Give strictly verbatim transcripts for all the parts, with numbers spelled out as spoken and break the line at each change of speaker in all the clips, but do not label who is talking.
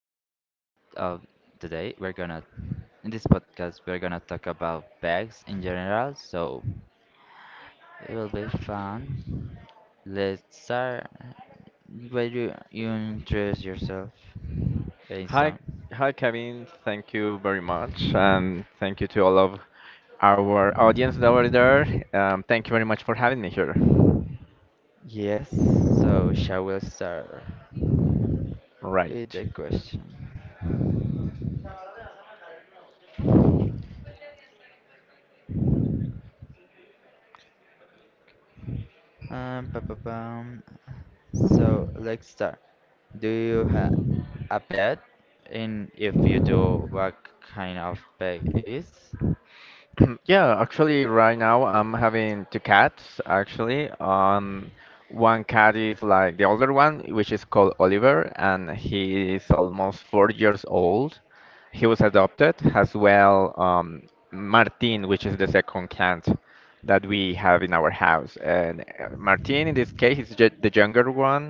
of today, we're gonna in this podcast we're gonna talk about bags in general, so it will be fun. Let's start. Why do you introduce yourself
Hi,
Mason?
hi, Kevin. Thank you very much, and thank you to all of our audience that were there. Um, thank you very much for having me here.
Yes, so shall we start with
Right.
the question? Um, pa pa pam. So let's start. Do you have a pet, and if you do what kind of pet is
Yeah, actually, right now I'm having two cats, actually. Um, one cat is like the older one, which is called Oliver, and he is almost four years old. He was adopted, as well. um, Martin, which is the second cat that we have in our house. And uh, Martin, in this case, is ju the younger one,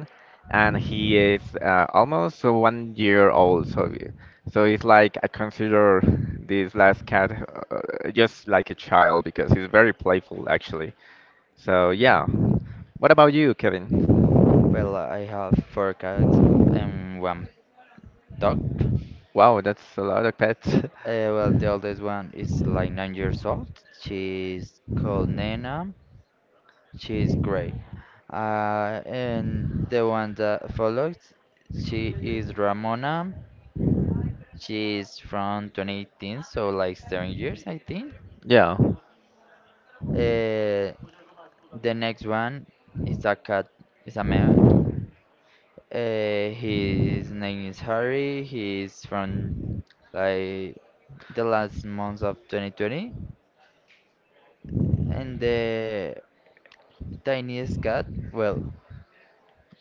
and he is uh, almost one year old. So so it's like I consider this last cat, uh, just like a child because he's very playful actually. So yeah. What about you,
well
Kevin?
I have four cats and one dog uh,
Wow, that's a lot of pets.
well the oldest one is like nine years old. She's called nena. She's gray, uh, and the one that follows, she is ramona. She's from twenty eighteen, so like seven years I think.
Yeah.
uh, the next one is a cat, is a male. Uh, his name is Harry. He's from like the last months of twenty twenty, and the tiniest cat, well,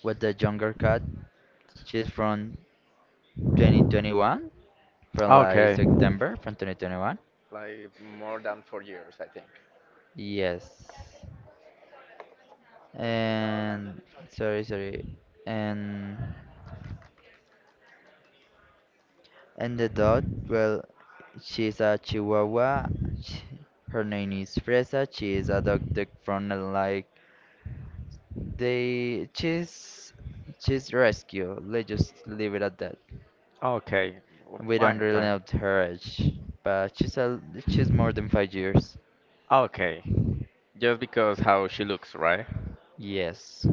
with the younger cat, she's from twenty twenty-one, from like
Okay.
September from twenty twenty-one.
Like more than four years, I think.
Yes, and sorry, sorry, and and the dog, well, she's a Chihuahua. She, her name is Fresa. She is adopted from like, they just just rescue. Let's just leave it at that.
Okay. w-
We don't
Fine,
really
fine.
know her age, but she's a, she's more than five years.
Okay. Just because how she looks, right?
Yes.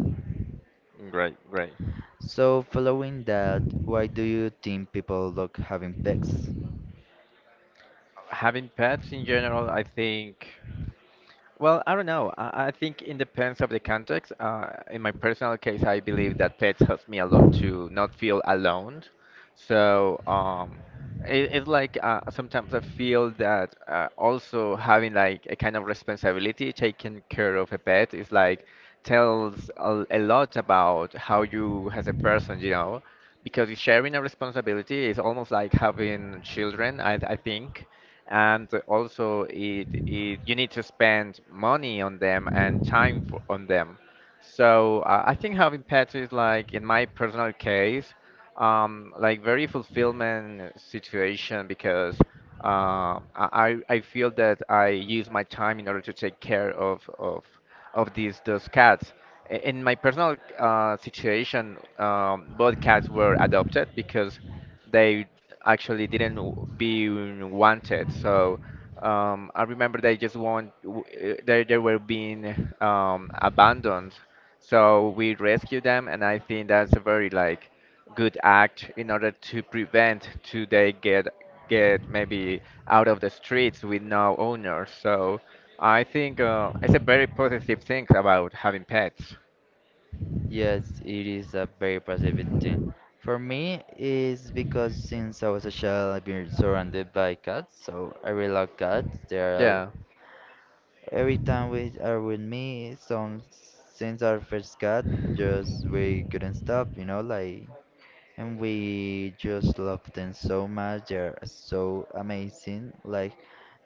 Great, great.
So following that, why do you think people look having pets?
Having pets in general, I think. Well, I don't know. I, I think it depends of the context. Uh, in my personal case, I believe that pets helps me a lot to not feel alone. So um, it, it's like uh, sometimes I feel that uh, also having like a kind of responsibility, taking care of a pet is like tells a, a lot about how you as a person, you know, because it's sharing a responsibility is almost like having children, I, I think. And also, it, it you need to spend money on them and time for, on them. So uh, I think having pets is like, in my personal case, um, like very fulfillment situation because uh, I I I feel that I use my time in order to take care of of of these those cats. I- In my personal uh, situation, um, both cats were adopted because they actually didn't w- be wanted. So um, I remember they just want w- uh, they they were being um, abandoned. So we rescued them, and I think that's a very like good act in order to prevent to they get get maybe out of the streets with no owner. So I think uh, it's a very positive thing about having pets.
Yes, it is a very positive thing. For me, it's because since I was a child, I've been surrounded by cats, so I really love cats. They are
Yeah,
every time we are with me, some since our first cut, just we couldn't stop, you know, like, and we just love them so much. They're so amazing. Like,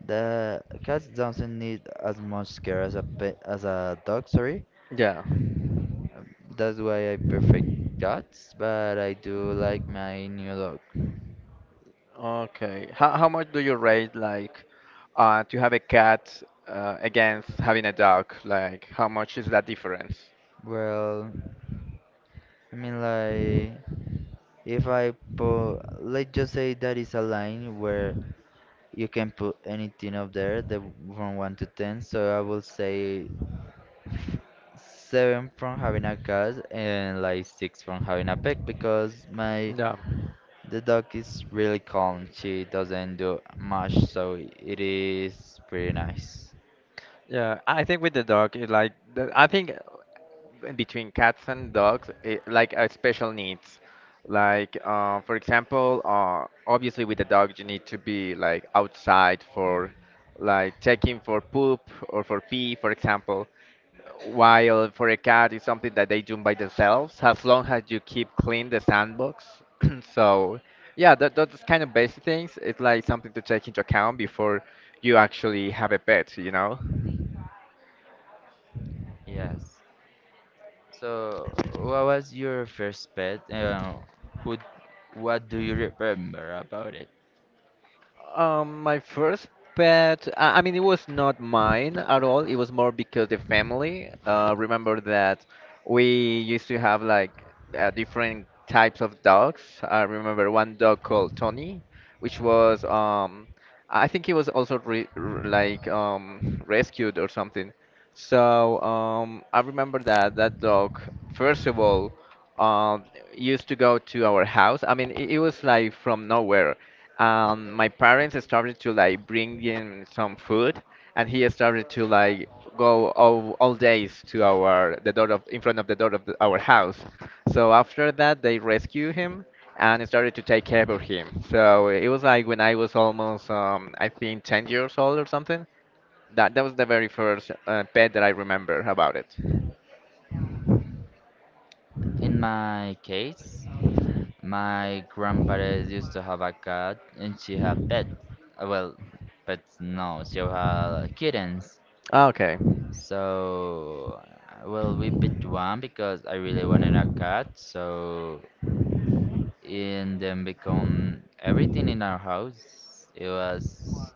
the cats doesn't need as much care as a pet, as a dog. Sorry,
yeah.
Um, that's why I perfect cats, but I do like my new dog.
Okay. How how much do you rate like uh to have a cat uh, against having a dog? Like how much is that difference?
Well, I mean, like, if I put, let's just say that is a line where you can put anything up there the, from one to ten. So I will say seven from having a cat and like six from having a pet because my
Yeah,
the dog is really calm. She doesn't do much, so it is pretty nice.
yeah. I think with the dog, it like the, I think uh, between cats and dogs, it, like uh, special needs. Like uh, for example, uh, obviously with the dog you need to be like outside for like taking for poop or for pee, for example. While for a cat, it's something that they do by themselves, as long as you keep clean the sandbox. So, yeah, that, those kind of basic things, it's like something to take into account before you actually have a pet, you know?
Yes. So what was your first pet? Uh, who, what do you remember about it?
Um, my first pet, I I mean, it was not mine at all. It was more because the family. Uh, remember that we used to have like uh, different types of dogs. I remember one dog called Tony, which was um, I think he was also re r like um rescued or something. So um, I remember that that dog, first of all, um, used to go to our house. I mean, it, it was like from nowhere. Um, my parents started to like bring in some food, and he started to like go all, all days to our the door of in front of the door of the, our house. So after that, they rescued him and started to take care of him. So it was like when I was almost um, I think ten years old or something. That that was the very first uh, pet that I remember about it.
In my case, my grandparents used to have a cat and she had pets. Uh, Well, pets no, she had kittens.
Okay,
So, uh, well, we picked one because I really wanted a cat. So, and then become everything in our house. It was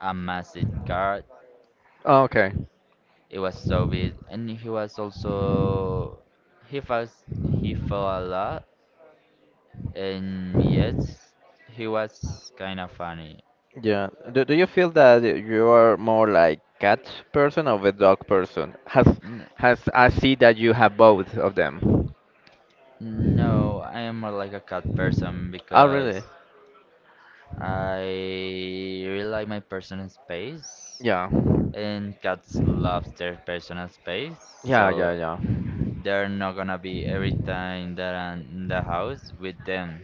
a massive cat.
okay.
It was so big, and he was also he felt he fell a lot, and yes, he was kind of funny.
Yeah. Do, do you feel that you are more like cat person or the dog person? Has has I see that you have both of them.
No, I am more like a cat person
Oh, really?
because I really like my personal space,
Yeah.
and cats love their personal space,
Yeah, yeah,
so
yeah.
they're not gonna be every time that I'm in the house with them.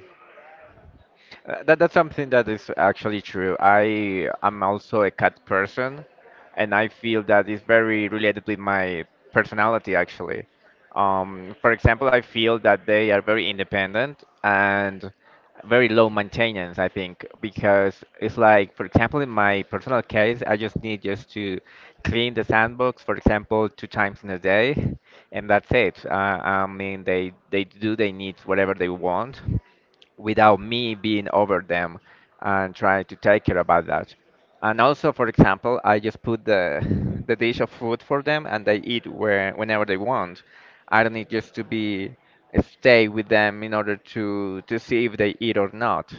Uh, That that's something that is actually true. I am also a cat person, and I feel that is very related with my personality actually. Um, for example, I feel that they are very independent and very low maintenance, I think, because it's like, for example, in my personal case, I just need just to clean the sandbox, for example, two times in a day, and that's it. Uh, I mean, they they do their needs whatever they want without me being over them and trying to take care about that. And also, for example, I just put the the dish of food for them and they eat where, whenever they want. I don't need just to be uh, stay with them in order to to see if they eat or not.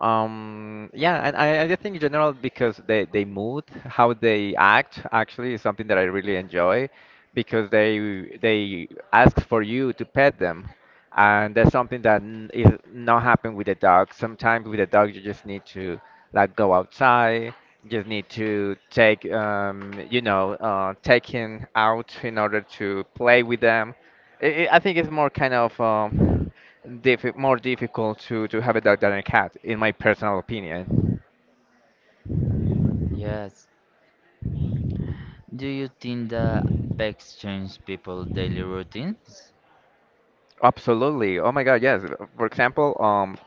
Um, yeah, and I, I just think in general because they they mood, how they act actually is something that I really enjoy because they they ask for you to pet them, and that's something that n- is not happen with a dog. Sometimes with a dog, you just need to like go outside. You just need to take, um, you know, uh, take him out in order to play with them. I I I think it's more kind of um, diffi- more difficult to, to have a dog than a cat, in my personal opinion.
Yes. Do you think that pets change people's daily routines?
Absolutely. Oh my God, yes. For example, um,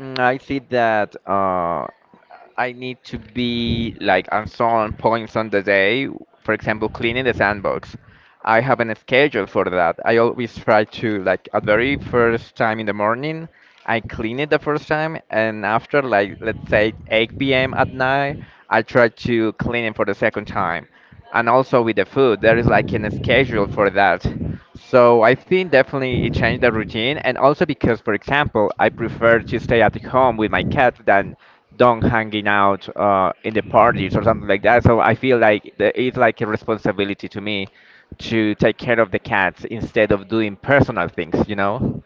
Mm, I see that uh, I need to be like on some points on the day, for example, cleaning the sandbox. I have a schedule for that. I always try to like at very first time in the morning, I clean it the first time, and after like let's say eight p m at night, I try to clean it for the second time. And also with the food, there is like a schedule for that. So I think definitely it changed the routine, and also because, for example, I prefer to stay at home with my cat than don't hanging out uh, in the parties or something like that. So I feel like the, it's like a responsibility to me to take care of the cats instead of doing personal things, you know?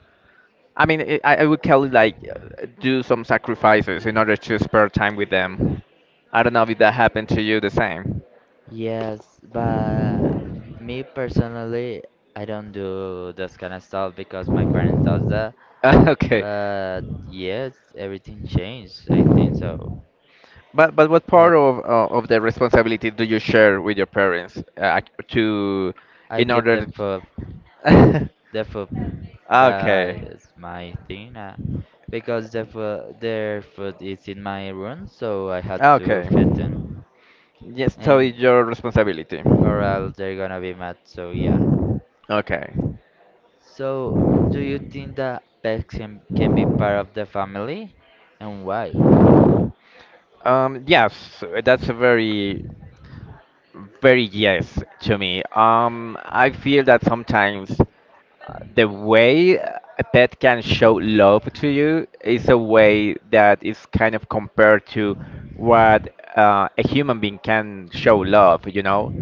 I mean, it, I, I would call it like uh, do some sacrifices in order to spare time with them. I don't know if that happened to you the same.
Yes, but me personally, I don't do this kind of stuff because my parents does that.
Okay.
But yes, everything changed, I think so.
But but what part
Had-
of uh, of the responsibility do you share with your parents uh, to
I
in
give them
order
for the food. That
Okay.
is my thing, uh, because the food, their food is in my room, so I had to
Okay.
feed them,
Yes, so
and
it's your responsibility.
or else they're gonna be mad. So yeah.
Okay.
So do you think that pets can, can be part of the family, and why?
Um yes, that's a very very yes to me. Um I feel that sometimes the way a pet can show love to you is a way that is kind of compared to what uh, a human being can show love, you know?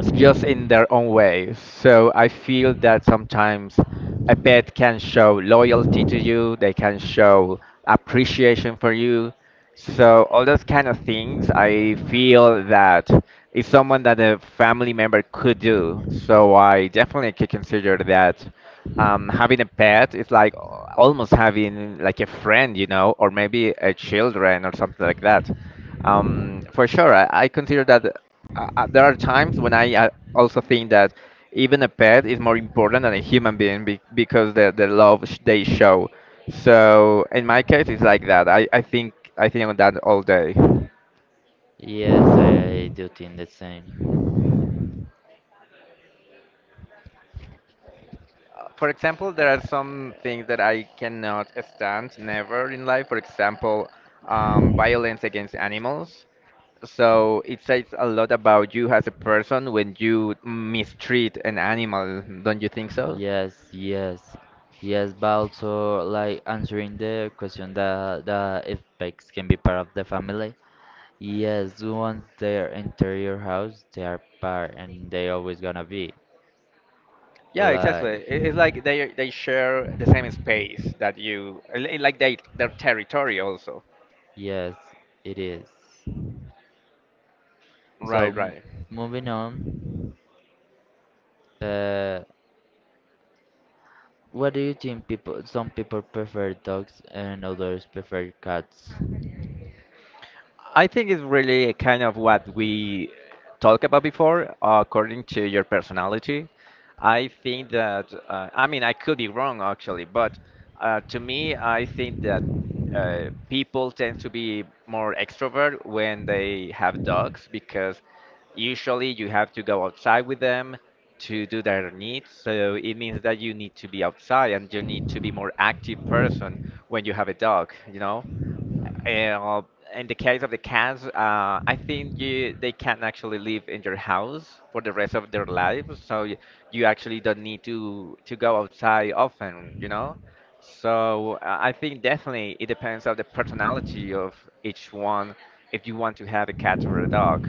s- Just in their own way. So I feel that sometimes a pet can show loyalty to you, they can show appreciation for you. So all those kind of things, I feel that is someone that a family member could do. So I definitely could consider that um, having a pet is like almost having like a friend, you know, or maybe a children or something like that. Um, for sure, I, I consider that uh, uh, there are times when I uh, also think that even a pet is more important than a human being be because the the love sh they show. So in my case, it's like that. I, I think I think on that all day. Uh,
Yes, I do think the same.
For example, there
Uh,
are some things that I cannot stand never in life. For example, um, violence against animals. So it says a lot about you as a person when you mistreat an animal, don't you think so?
Yes, yes, yes, but also like answering the question that that if pets can be part of the family. Yes, once they are enter your house, they are part, and they always gonna be.
Yeah, exactly.
Like,
I- It's like they they share the same space that you, li- like they their territory also.
yes, it is. So
Right,
m-
right.
Moving on, uh, what do you think people? Some people prefer dogs and others prefer cats.
I think it's really kind of what we talked about before, according to your personality. I think that, uh, I mean, I could be wrong actually, but uh, to me, I think that uh, people tend to be more extrovert when they have dogs because usually you have to go outside with them to do their needs. So it means that you need to be outside and you need to be more active person when you have a dog, you know? Uh, in the case of the cats, uh, I think you, they can actually live in your house for the rest of their lives, so you, you actually don't need to to go outside often, you know? So I I think definitely it depends on the personality of each one if you want to have a cat or a dog.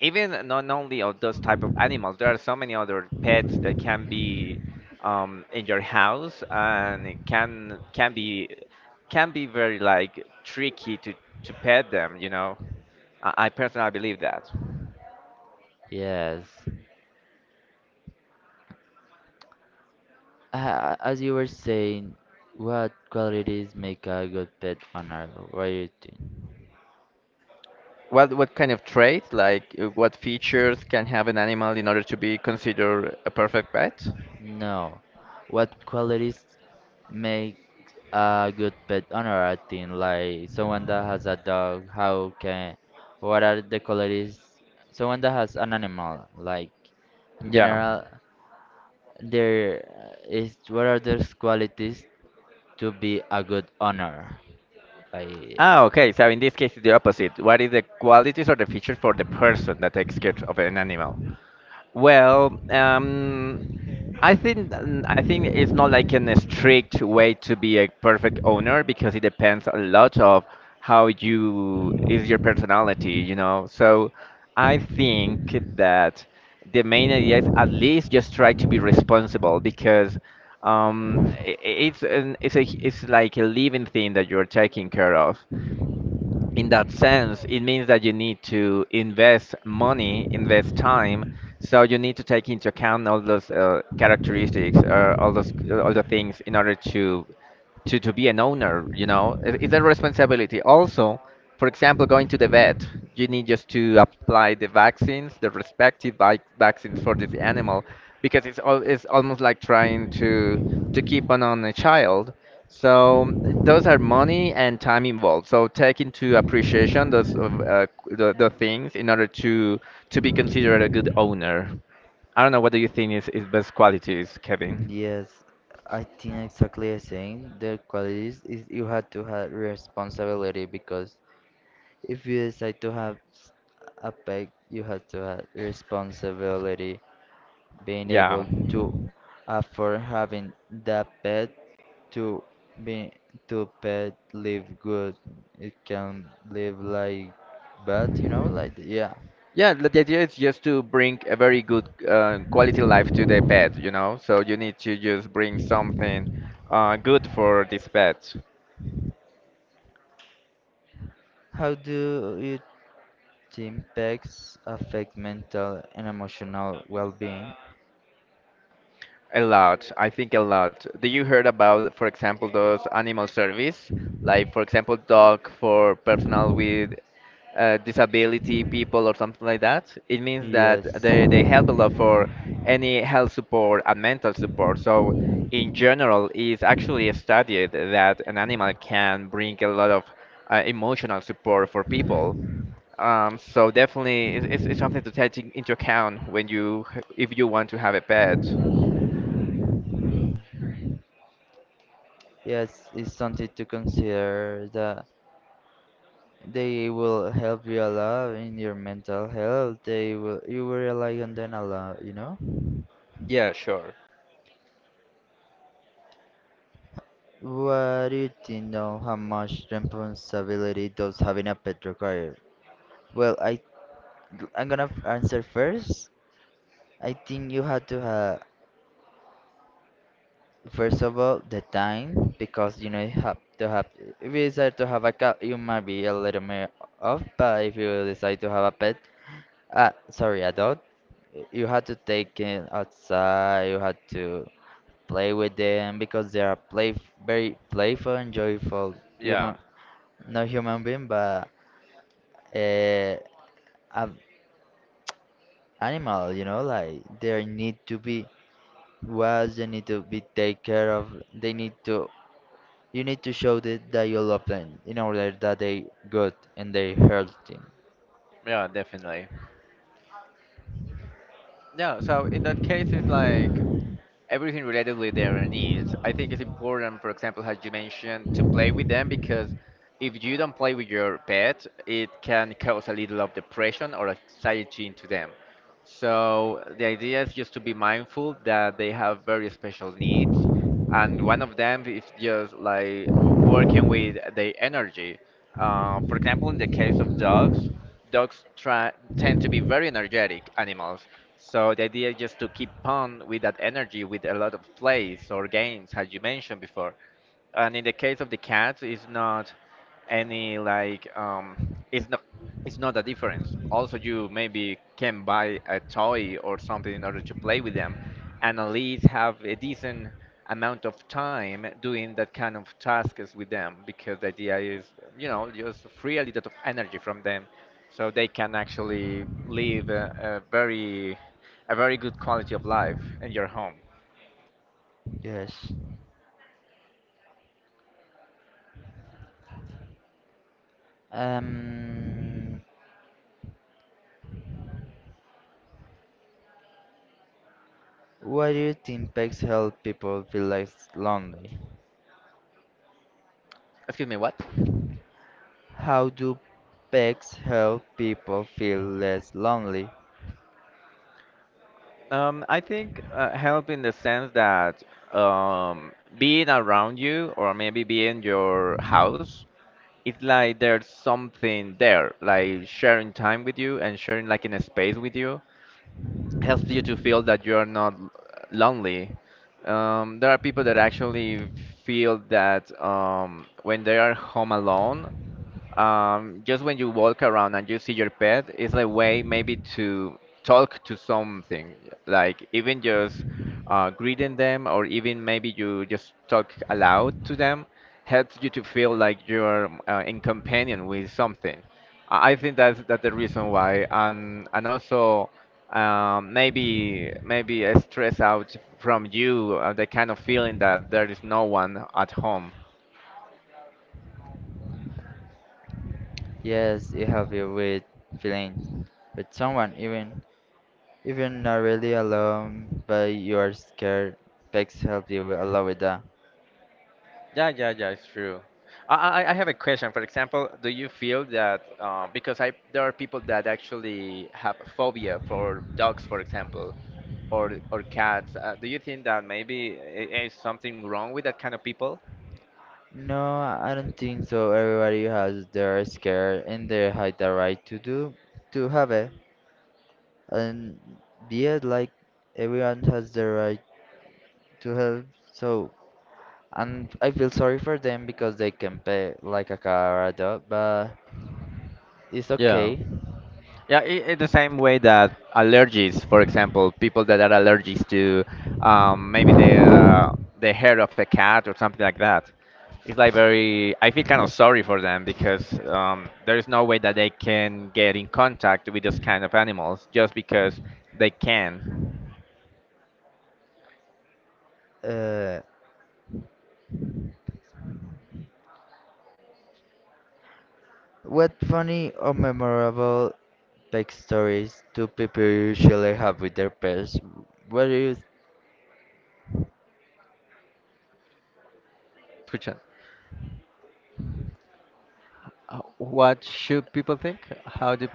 Even not only of those type of animals, there are so many other pets that can be um, in your house and it can can be can be very like tricky to to pet them, you know. I, I personally believe that.
Yes. Uh, as you were saying, what qualities make a good pet owner? What do you think?
What what kind of traits, like uh, what features can have an animal in order to be considered a perfect pet?
No. What qualities make a good pet owner? I think like someone that has a dog. How can? What are the qualities? Someone that has an animal, like in
Yeah.
general. There is what are those qualities to be a good owner? I
Ah, okay. So in this case, it's the opposite. What is the qualities or the features for the person that takes care of an animal? Well, um, I think mm, I think it's not like an strict way to be a perfect owner because it depends a lot of how you is your personality, you know. So I think that the main idea is at least just try to be responsible because um, i- i- it's an, it's a it's like a living thing that you're taking care of in that sense, it means that you need to invest money, invest time. So you need to take into account all those uh, characteristics, uh, all those all the things in order to to to be an owner you know it, it's a responsibility also for example going to the vet you need just to apply the vaccines the respective vi- vaccines for this animal because it's all it's almost like trying to to keep on on a child. So those are money and time involved, so take into appreciation those of uh, the, the things in order to to be considered a good owner. I don't know what do you think is, is best qualities, Kevin?
yes, I think exactly the same. The qualities is you have to have responsibility because if you decide to have s- a pet, you have to have responsibility, being
Yeah.
able to afford having that pet to be to pet live good. It can live like bad, you know, like yeah.
Yeah, the the idea is just to bring a very good uh, quality life to the pet, you know. So you need to just bring something uh, good for this pet.
How do its impacts affect mental and emotional well-being?
A lot, I think a lot. Do you heard about, for example, those animal service, like for example, dog for personal with uh, disability people or something like that? It means that
Yes,
they they help a lot for any health support and mental support. So in general, it's actually studied that an animal can bring a lot of uh, emotional support for people. Um, so definitely, it's, it's it's something to take in- into account when you if you want to have a pet.
yes, it's something to consider that they will help you a lot in your mental health. They will, you will rely on them a lot, you know?
Yeah, sure.
What do you think of how much responsibility does having a pet require? Well, I I'm gonna f- answer first. I think you have to have first of all, the time, because you know you have to have. If you decide to have a cat, you might be a little more off. But if you decide to have a pet, uh, sorry, a dog, you have to take it outside. You have to play with them because they are play very playful and joyful human,
Yeah,
not human being, but uh, a animal. You know, like they need to be watched. They need to be take care of. They need to you need to show that, that you love them in order that they good and they healthy.
yeah, definitely. Yeah, so in that case, it's like everything related with their needs. I think it's important, for example, as you mentioned, to play with them because if you don't play with your pet, it can cause a little of depression or anxiety into them. So the idea is just to be mindful that they have very special needs, and one of them is just like working with their energy. Uh, for example, in the case of dogs, dogs try, tend to be very energetic animals, so the idea is just to keep on with that energy with a lot of plays or games, as you mentioned before. And in the case of the cats, it's not any like um it's not it's not a difference also. You maybe can buy a toy or something in order to play with them and at least have a decent amount of time doing that kind of tasks with them, because the idea is, you know, just free a little of energy from them so they can actually live a, a very a very good quality of life in your home.
Yes. Um, why do you think pets help people feel less lonely?
Excuse me, what?
How do pets help people feel less lonely?
Um, I think uh, help in the sense that um, being around you or maybe being your house, it's like there's something there, like sharing time with you and sharing like in a space with you helps you to feel that you are not l- lonely. Um, there are people that actually feel that um, when they are home alone, um, just when you walk around and you see your pet, it's a way maybe to talk to something, like even just uh, greeting them, or even maybe you just talk aloud to them, helps you to feel like you're uh, in companion with something. I I think that's that's the reason why, and and also um, maybe maybe a stress out from you, uh, the kind of feeling that there is no one at home.
Yes, it helps you with feeling with someone, even if you're not really alone, but you are scared. Pets help you with- a lot with that.
Yeah, yeah, yeah, it's true. I, I I have a question. For example, do you feel that uh, because I, there are people that actually have phobia for dogs, for example, or or cats. Uh, do you think that maybe i- is something wrong with that kind of people?
No, I don't think so. Everybody has their scare and they have the right to do to have it. And yeah, like everyone has the right to help. So and I feel sorry for them because they can pay like a car adult, but it's
Yeah.
okay.
Yeah, i i- the same way that allergies, for example, people that are allergic to um, maybe the uh, the hair of a cat or something like that. It's like very. I feel kind of sorry for them because um, there is no way that they can get in contact with those kind of animals just because they can.
Uh, what funny or memorable pet stories do people usually have with their pets? What do you?
Escucha, uh, what should people think? How do,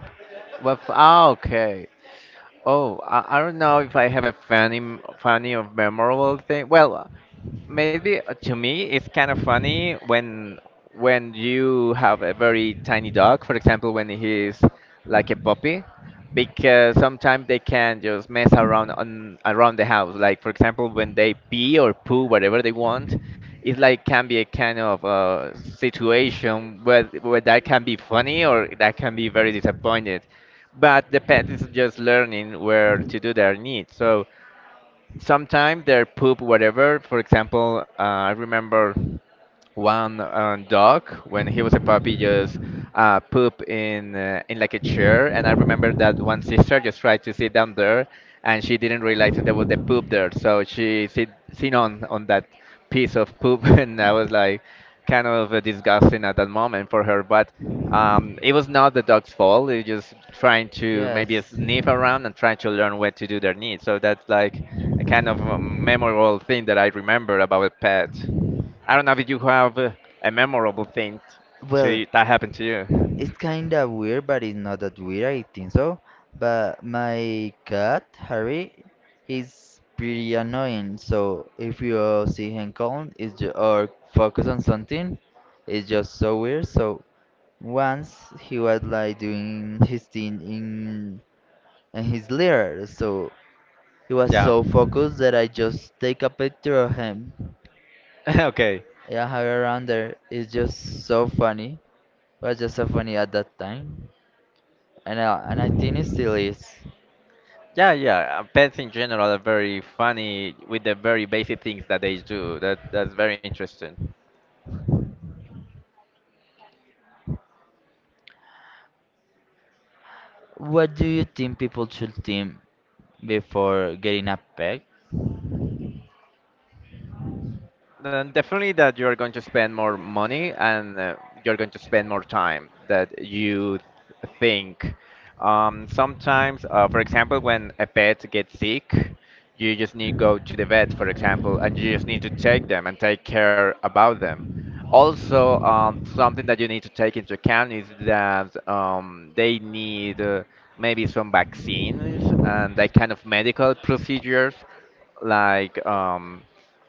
what, f- ah, okay. Oh, I, I don't know if I have a funny, m- funny or memorable thing. Well, maybe uh, to me it's kind of funny when when you have a very tiny dog, for example, when he's like a puppy, because sometimes they can just mess around on around the house. Like for example, when they pee or poo, whatever they want, it like can be a kind of uh, situation where where that can be funny or that can be very disappointed. But the pet is just learning where to do their needs. So sometimes their poop whatever, for example, uh, I remember one uh, dog when he was a puppy just uh, poop in uh, in like a chair, and I remember that one sister just tried to sit down there and she didn't realize that there was the poop there, so she sit seen on on that piece of poop and I was like kind of uh, disgusting at that moment for her, but um, it was not the dog's fault. They were just trying to maybe
Yes.
sniff around and trying to learn where to do their needs. So that's like a kind of a memorable thing that I remember about a pet. I don't know if you have uh, a memorable thing to
Well,
you, that happened to you.
it's kinda weird, but it's not that weird, I think so. But my cat, Harry, he's pretty annoying. So if you see him calm it's ju- or focus on something, it's just so weird. So once he was like doing his thing in, in his litter, so he was
Yeah.
so focused that I just take a picture of him.
Okay.
Yeah, hang around there. It's just so funny. It was just so funny at that time. And I, and I think it's still is.
Yeah, yeah. uh, Pets in general are very funny with the very basic things that they do. That that's very interesting.
What do you think people should think before getting a pet?
Then definitely that you're going to spend more money and uh, you're going to spend more time that you think. Um, sometimes, uh, for example, when a pet gets sick, you just need to go to the vet, for example, and you just need to take them and take care about them. Also, um, something that you need to take into account is that um, they need uh, maybe some vaccines and that kind of medical procedures like um,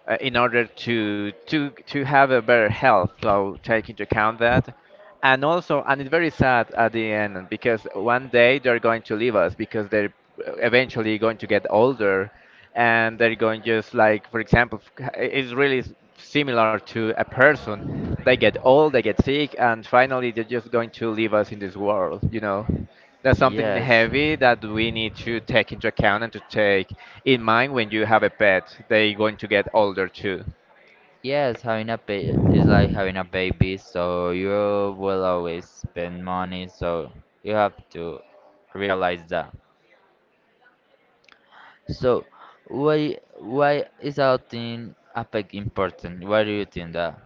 uh, in order to to to have a better health. So take into account that, and also, and it's very sad at the end because one day they're going to leave us because they're eventually going to get older, and they're going just like for example f- it's really s- similar to a person. They get old, they get sick, and finally they're just going to leave us in this world, you know. That's something
Yes.
heavy that we need to take into account and to take in mind when you have a pet. They're going to get older too.
Yes, having a pet is like having a baby, so you will always spend money, so you have to realize that. So, why why is adopting a pet important? Why do you think that?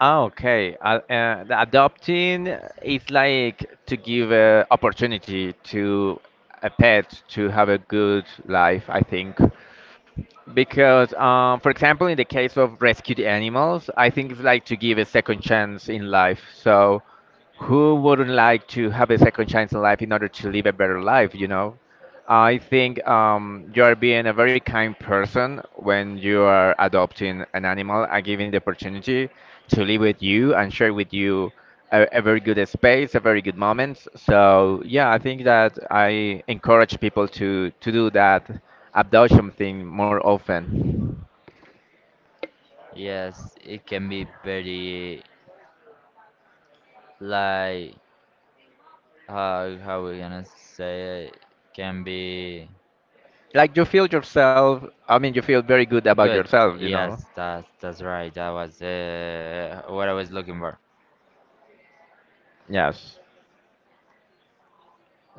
Ah, okay. Uh, uh, the adopting is like to give a opportunity to a pet to have a good life, I think. Because, um, for example, in the case of rescued animals, I think it's like to give a second chance in life. So, who wouldn't like to have a second chance in life in order to live a better life, you know? I think um, you are being a very kind person when you are adopting an animal and giving the opportunity to live with you and share with you a, a very good space, a very good moment. So yeah, I think that I encourage people to to do that adoption thing more often.
Yes, it can be very like uh, how we gonna say it can be
Like you feel yourself, I mean, you feel very good about
good.
yourself, you know.
Yes, that's that's right. That was uh, what I was looking for.
Yes.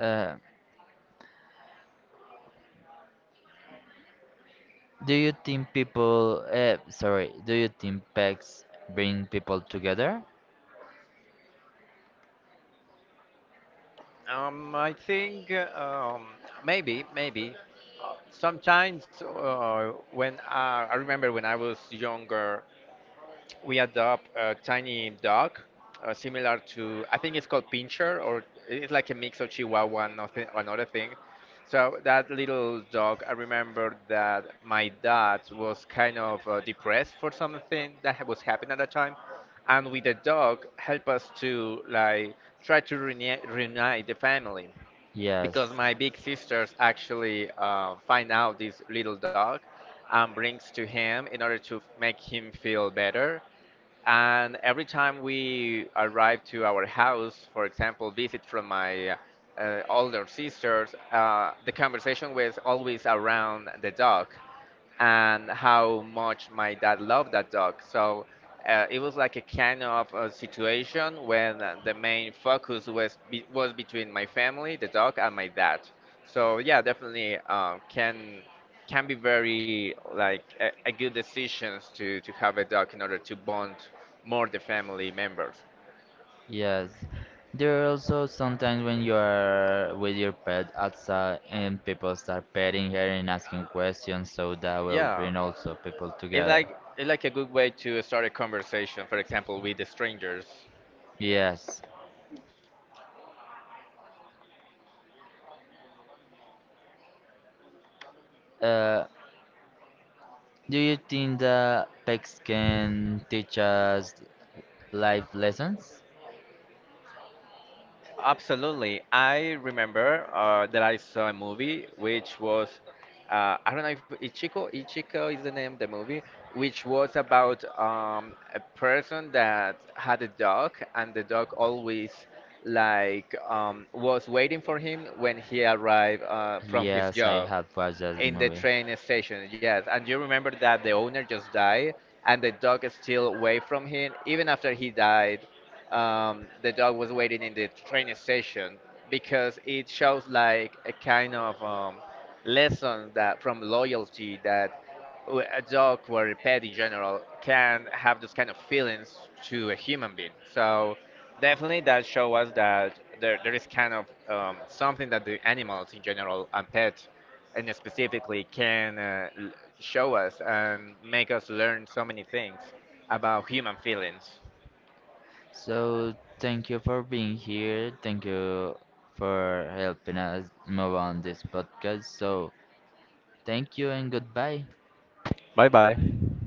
Uh, do you think people? Uh, sorry. Do you think pets bring people together?
Um, I think uh, um, maybe, maybe. Uh, Sometimes uh, when uh, I remember when I was younger, we adopt a tiny dog, uh, similar to, I think it's called Pinscher, or it's like a mix of Chihuahua and nothing, another thing. So that little dog, I remember that my dad was kind of uh, depressed for something that ha- was happening at the time, and with the dog, help us to like try to rene- reunite the family
Yes.
because my big sisters actually uh, find out this little dog and brings to him in order to make him feel better. And every time we arrive to our house, for example, visit from my uh, older sisters, uh, the conversation was always around the dog and how much my dad loved that dog. So uh, it was like a kind of uh situation when uh, the main focus was be- was between my family, the dog, and my dad. So yeah, definitely uh, can can be very like a, a good decisions to to have a dog in order to bond more the family members.
Yes. There are also sometimes when you are with your pet outside and people start petting her and asking questions, so that will
Yeah,
bring also people
it's
together.
like it's like a good way to start a conversation, for example, with the strangers.
Yes. Uh, do you think that pets can teach us life lessons?
Absolutely. I remember uh, that I saw a movie which was, uh, I don't know if Ichiko, Ichiko is the name of the movie, which was about um, a person that had a dog and the dog always like um, was waiting for him when he arrived uh, from his
Yes, I
job
have watched that
in the
movie.
train station. Yes, and you remember that the owner just died, and the dog is still away from him. Even after he died, um, the dog was waiting in the train station because it shows like a kind of um, lesson that from loyalty that w- a dog or a pet in general can have those kind of feelings to a human being. So definitely, that show us that there, there is kind of um, something that the animals in general and pets, and specifically, can uh, l- show us and make us learn so many things about human feelings.
So thank you for being here. Thank you for helping us move on this podcast. So thank you and goodbye.
Bye bye.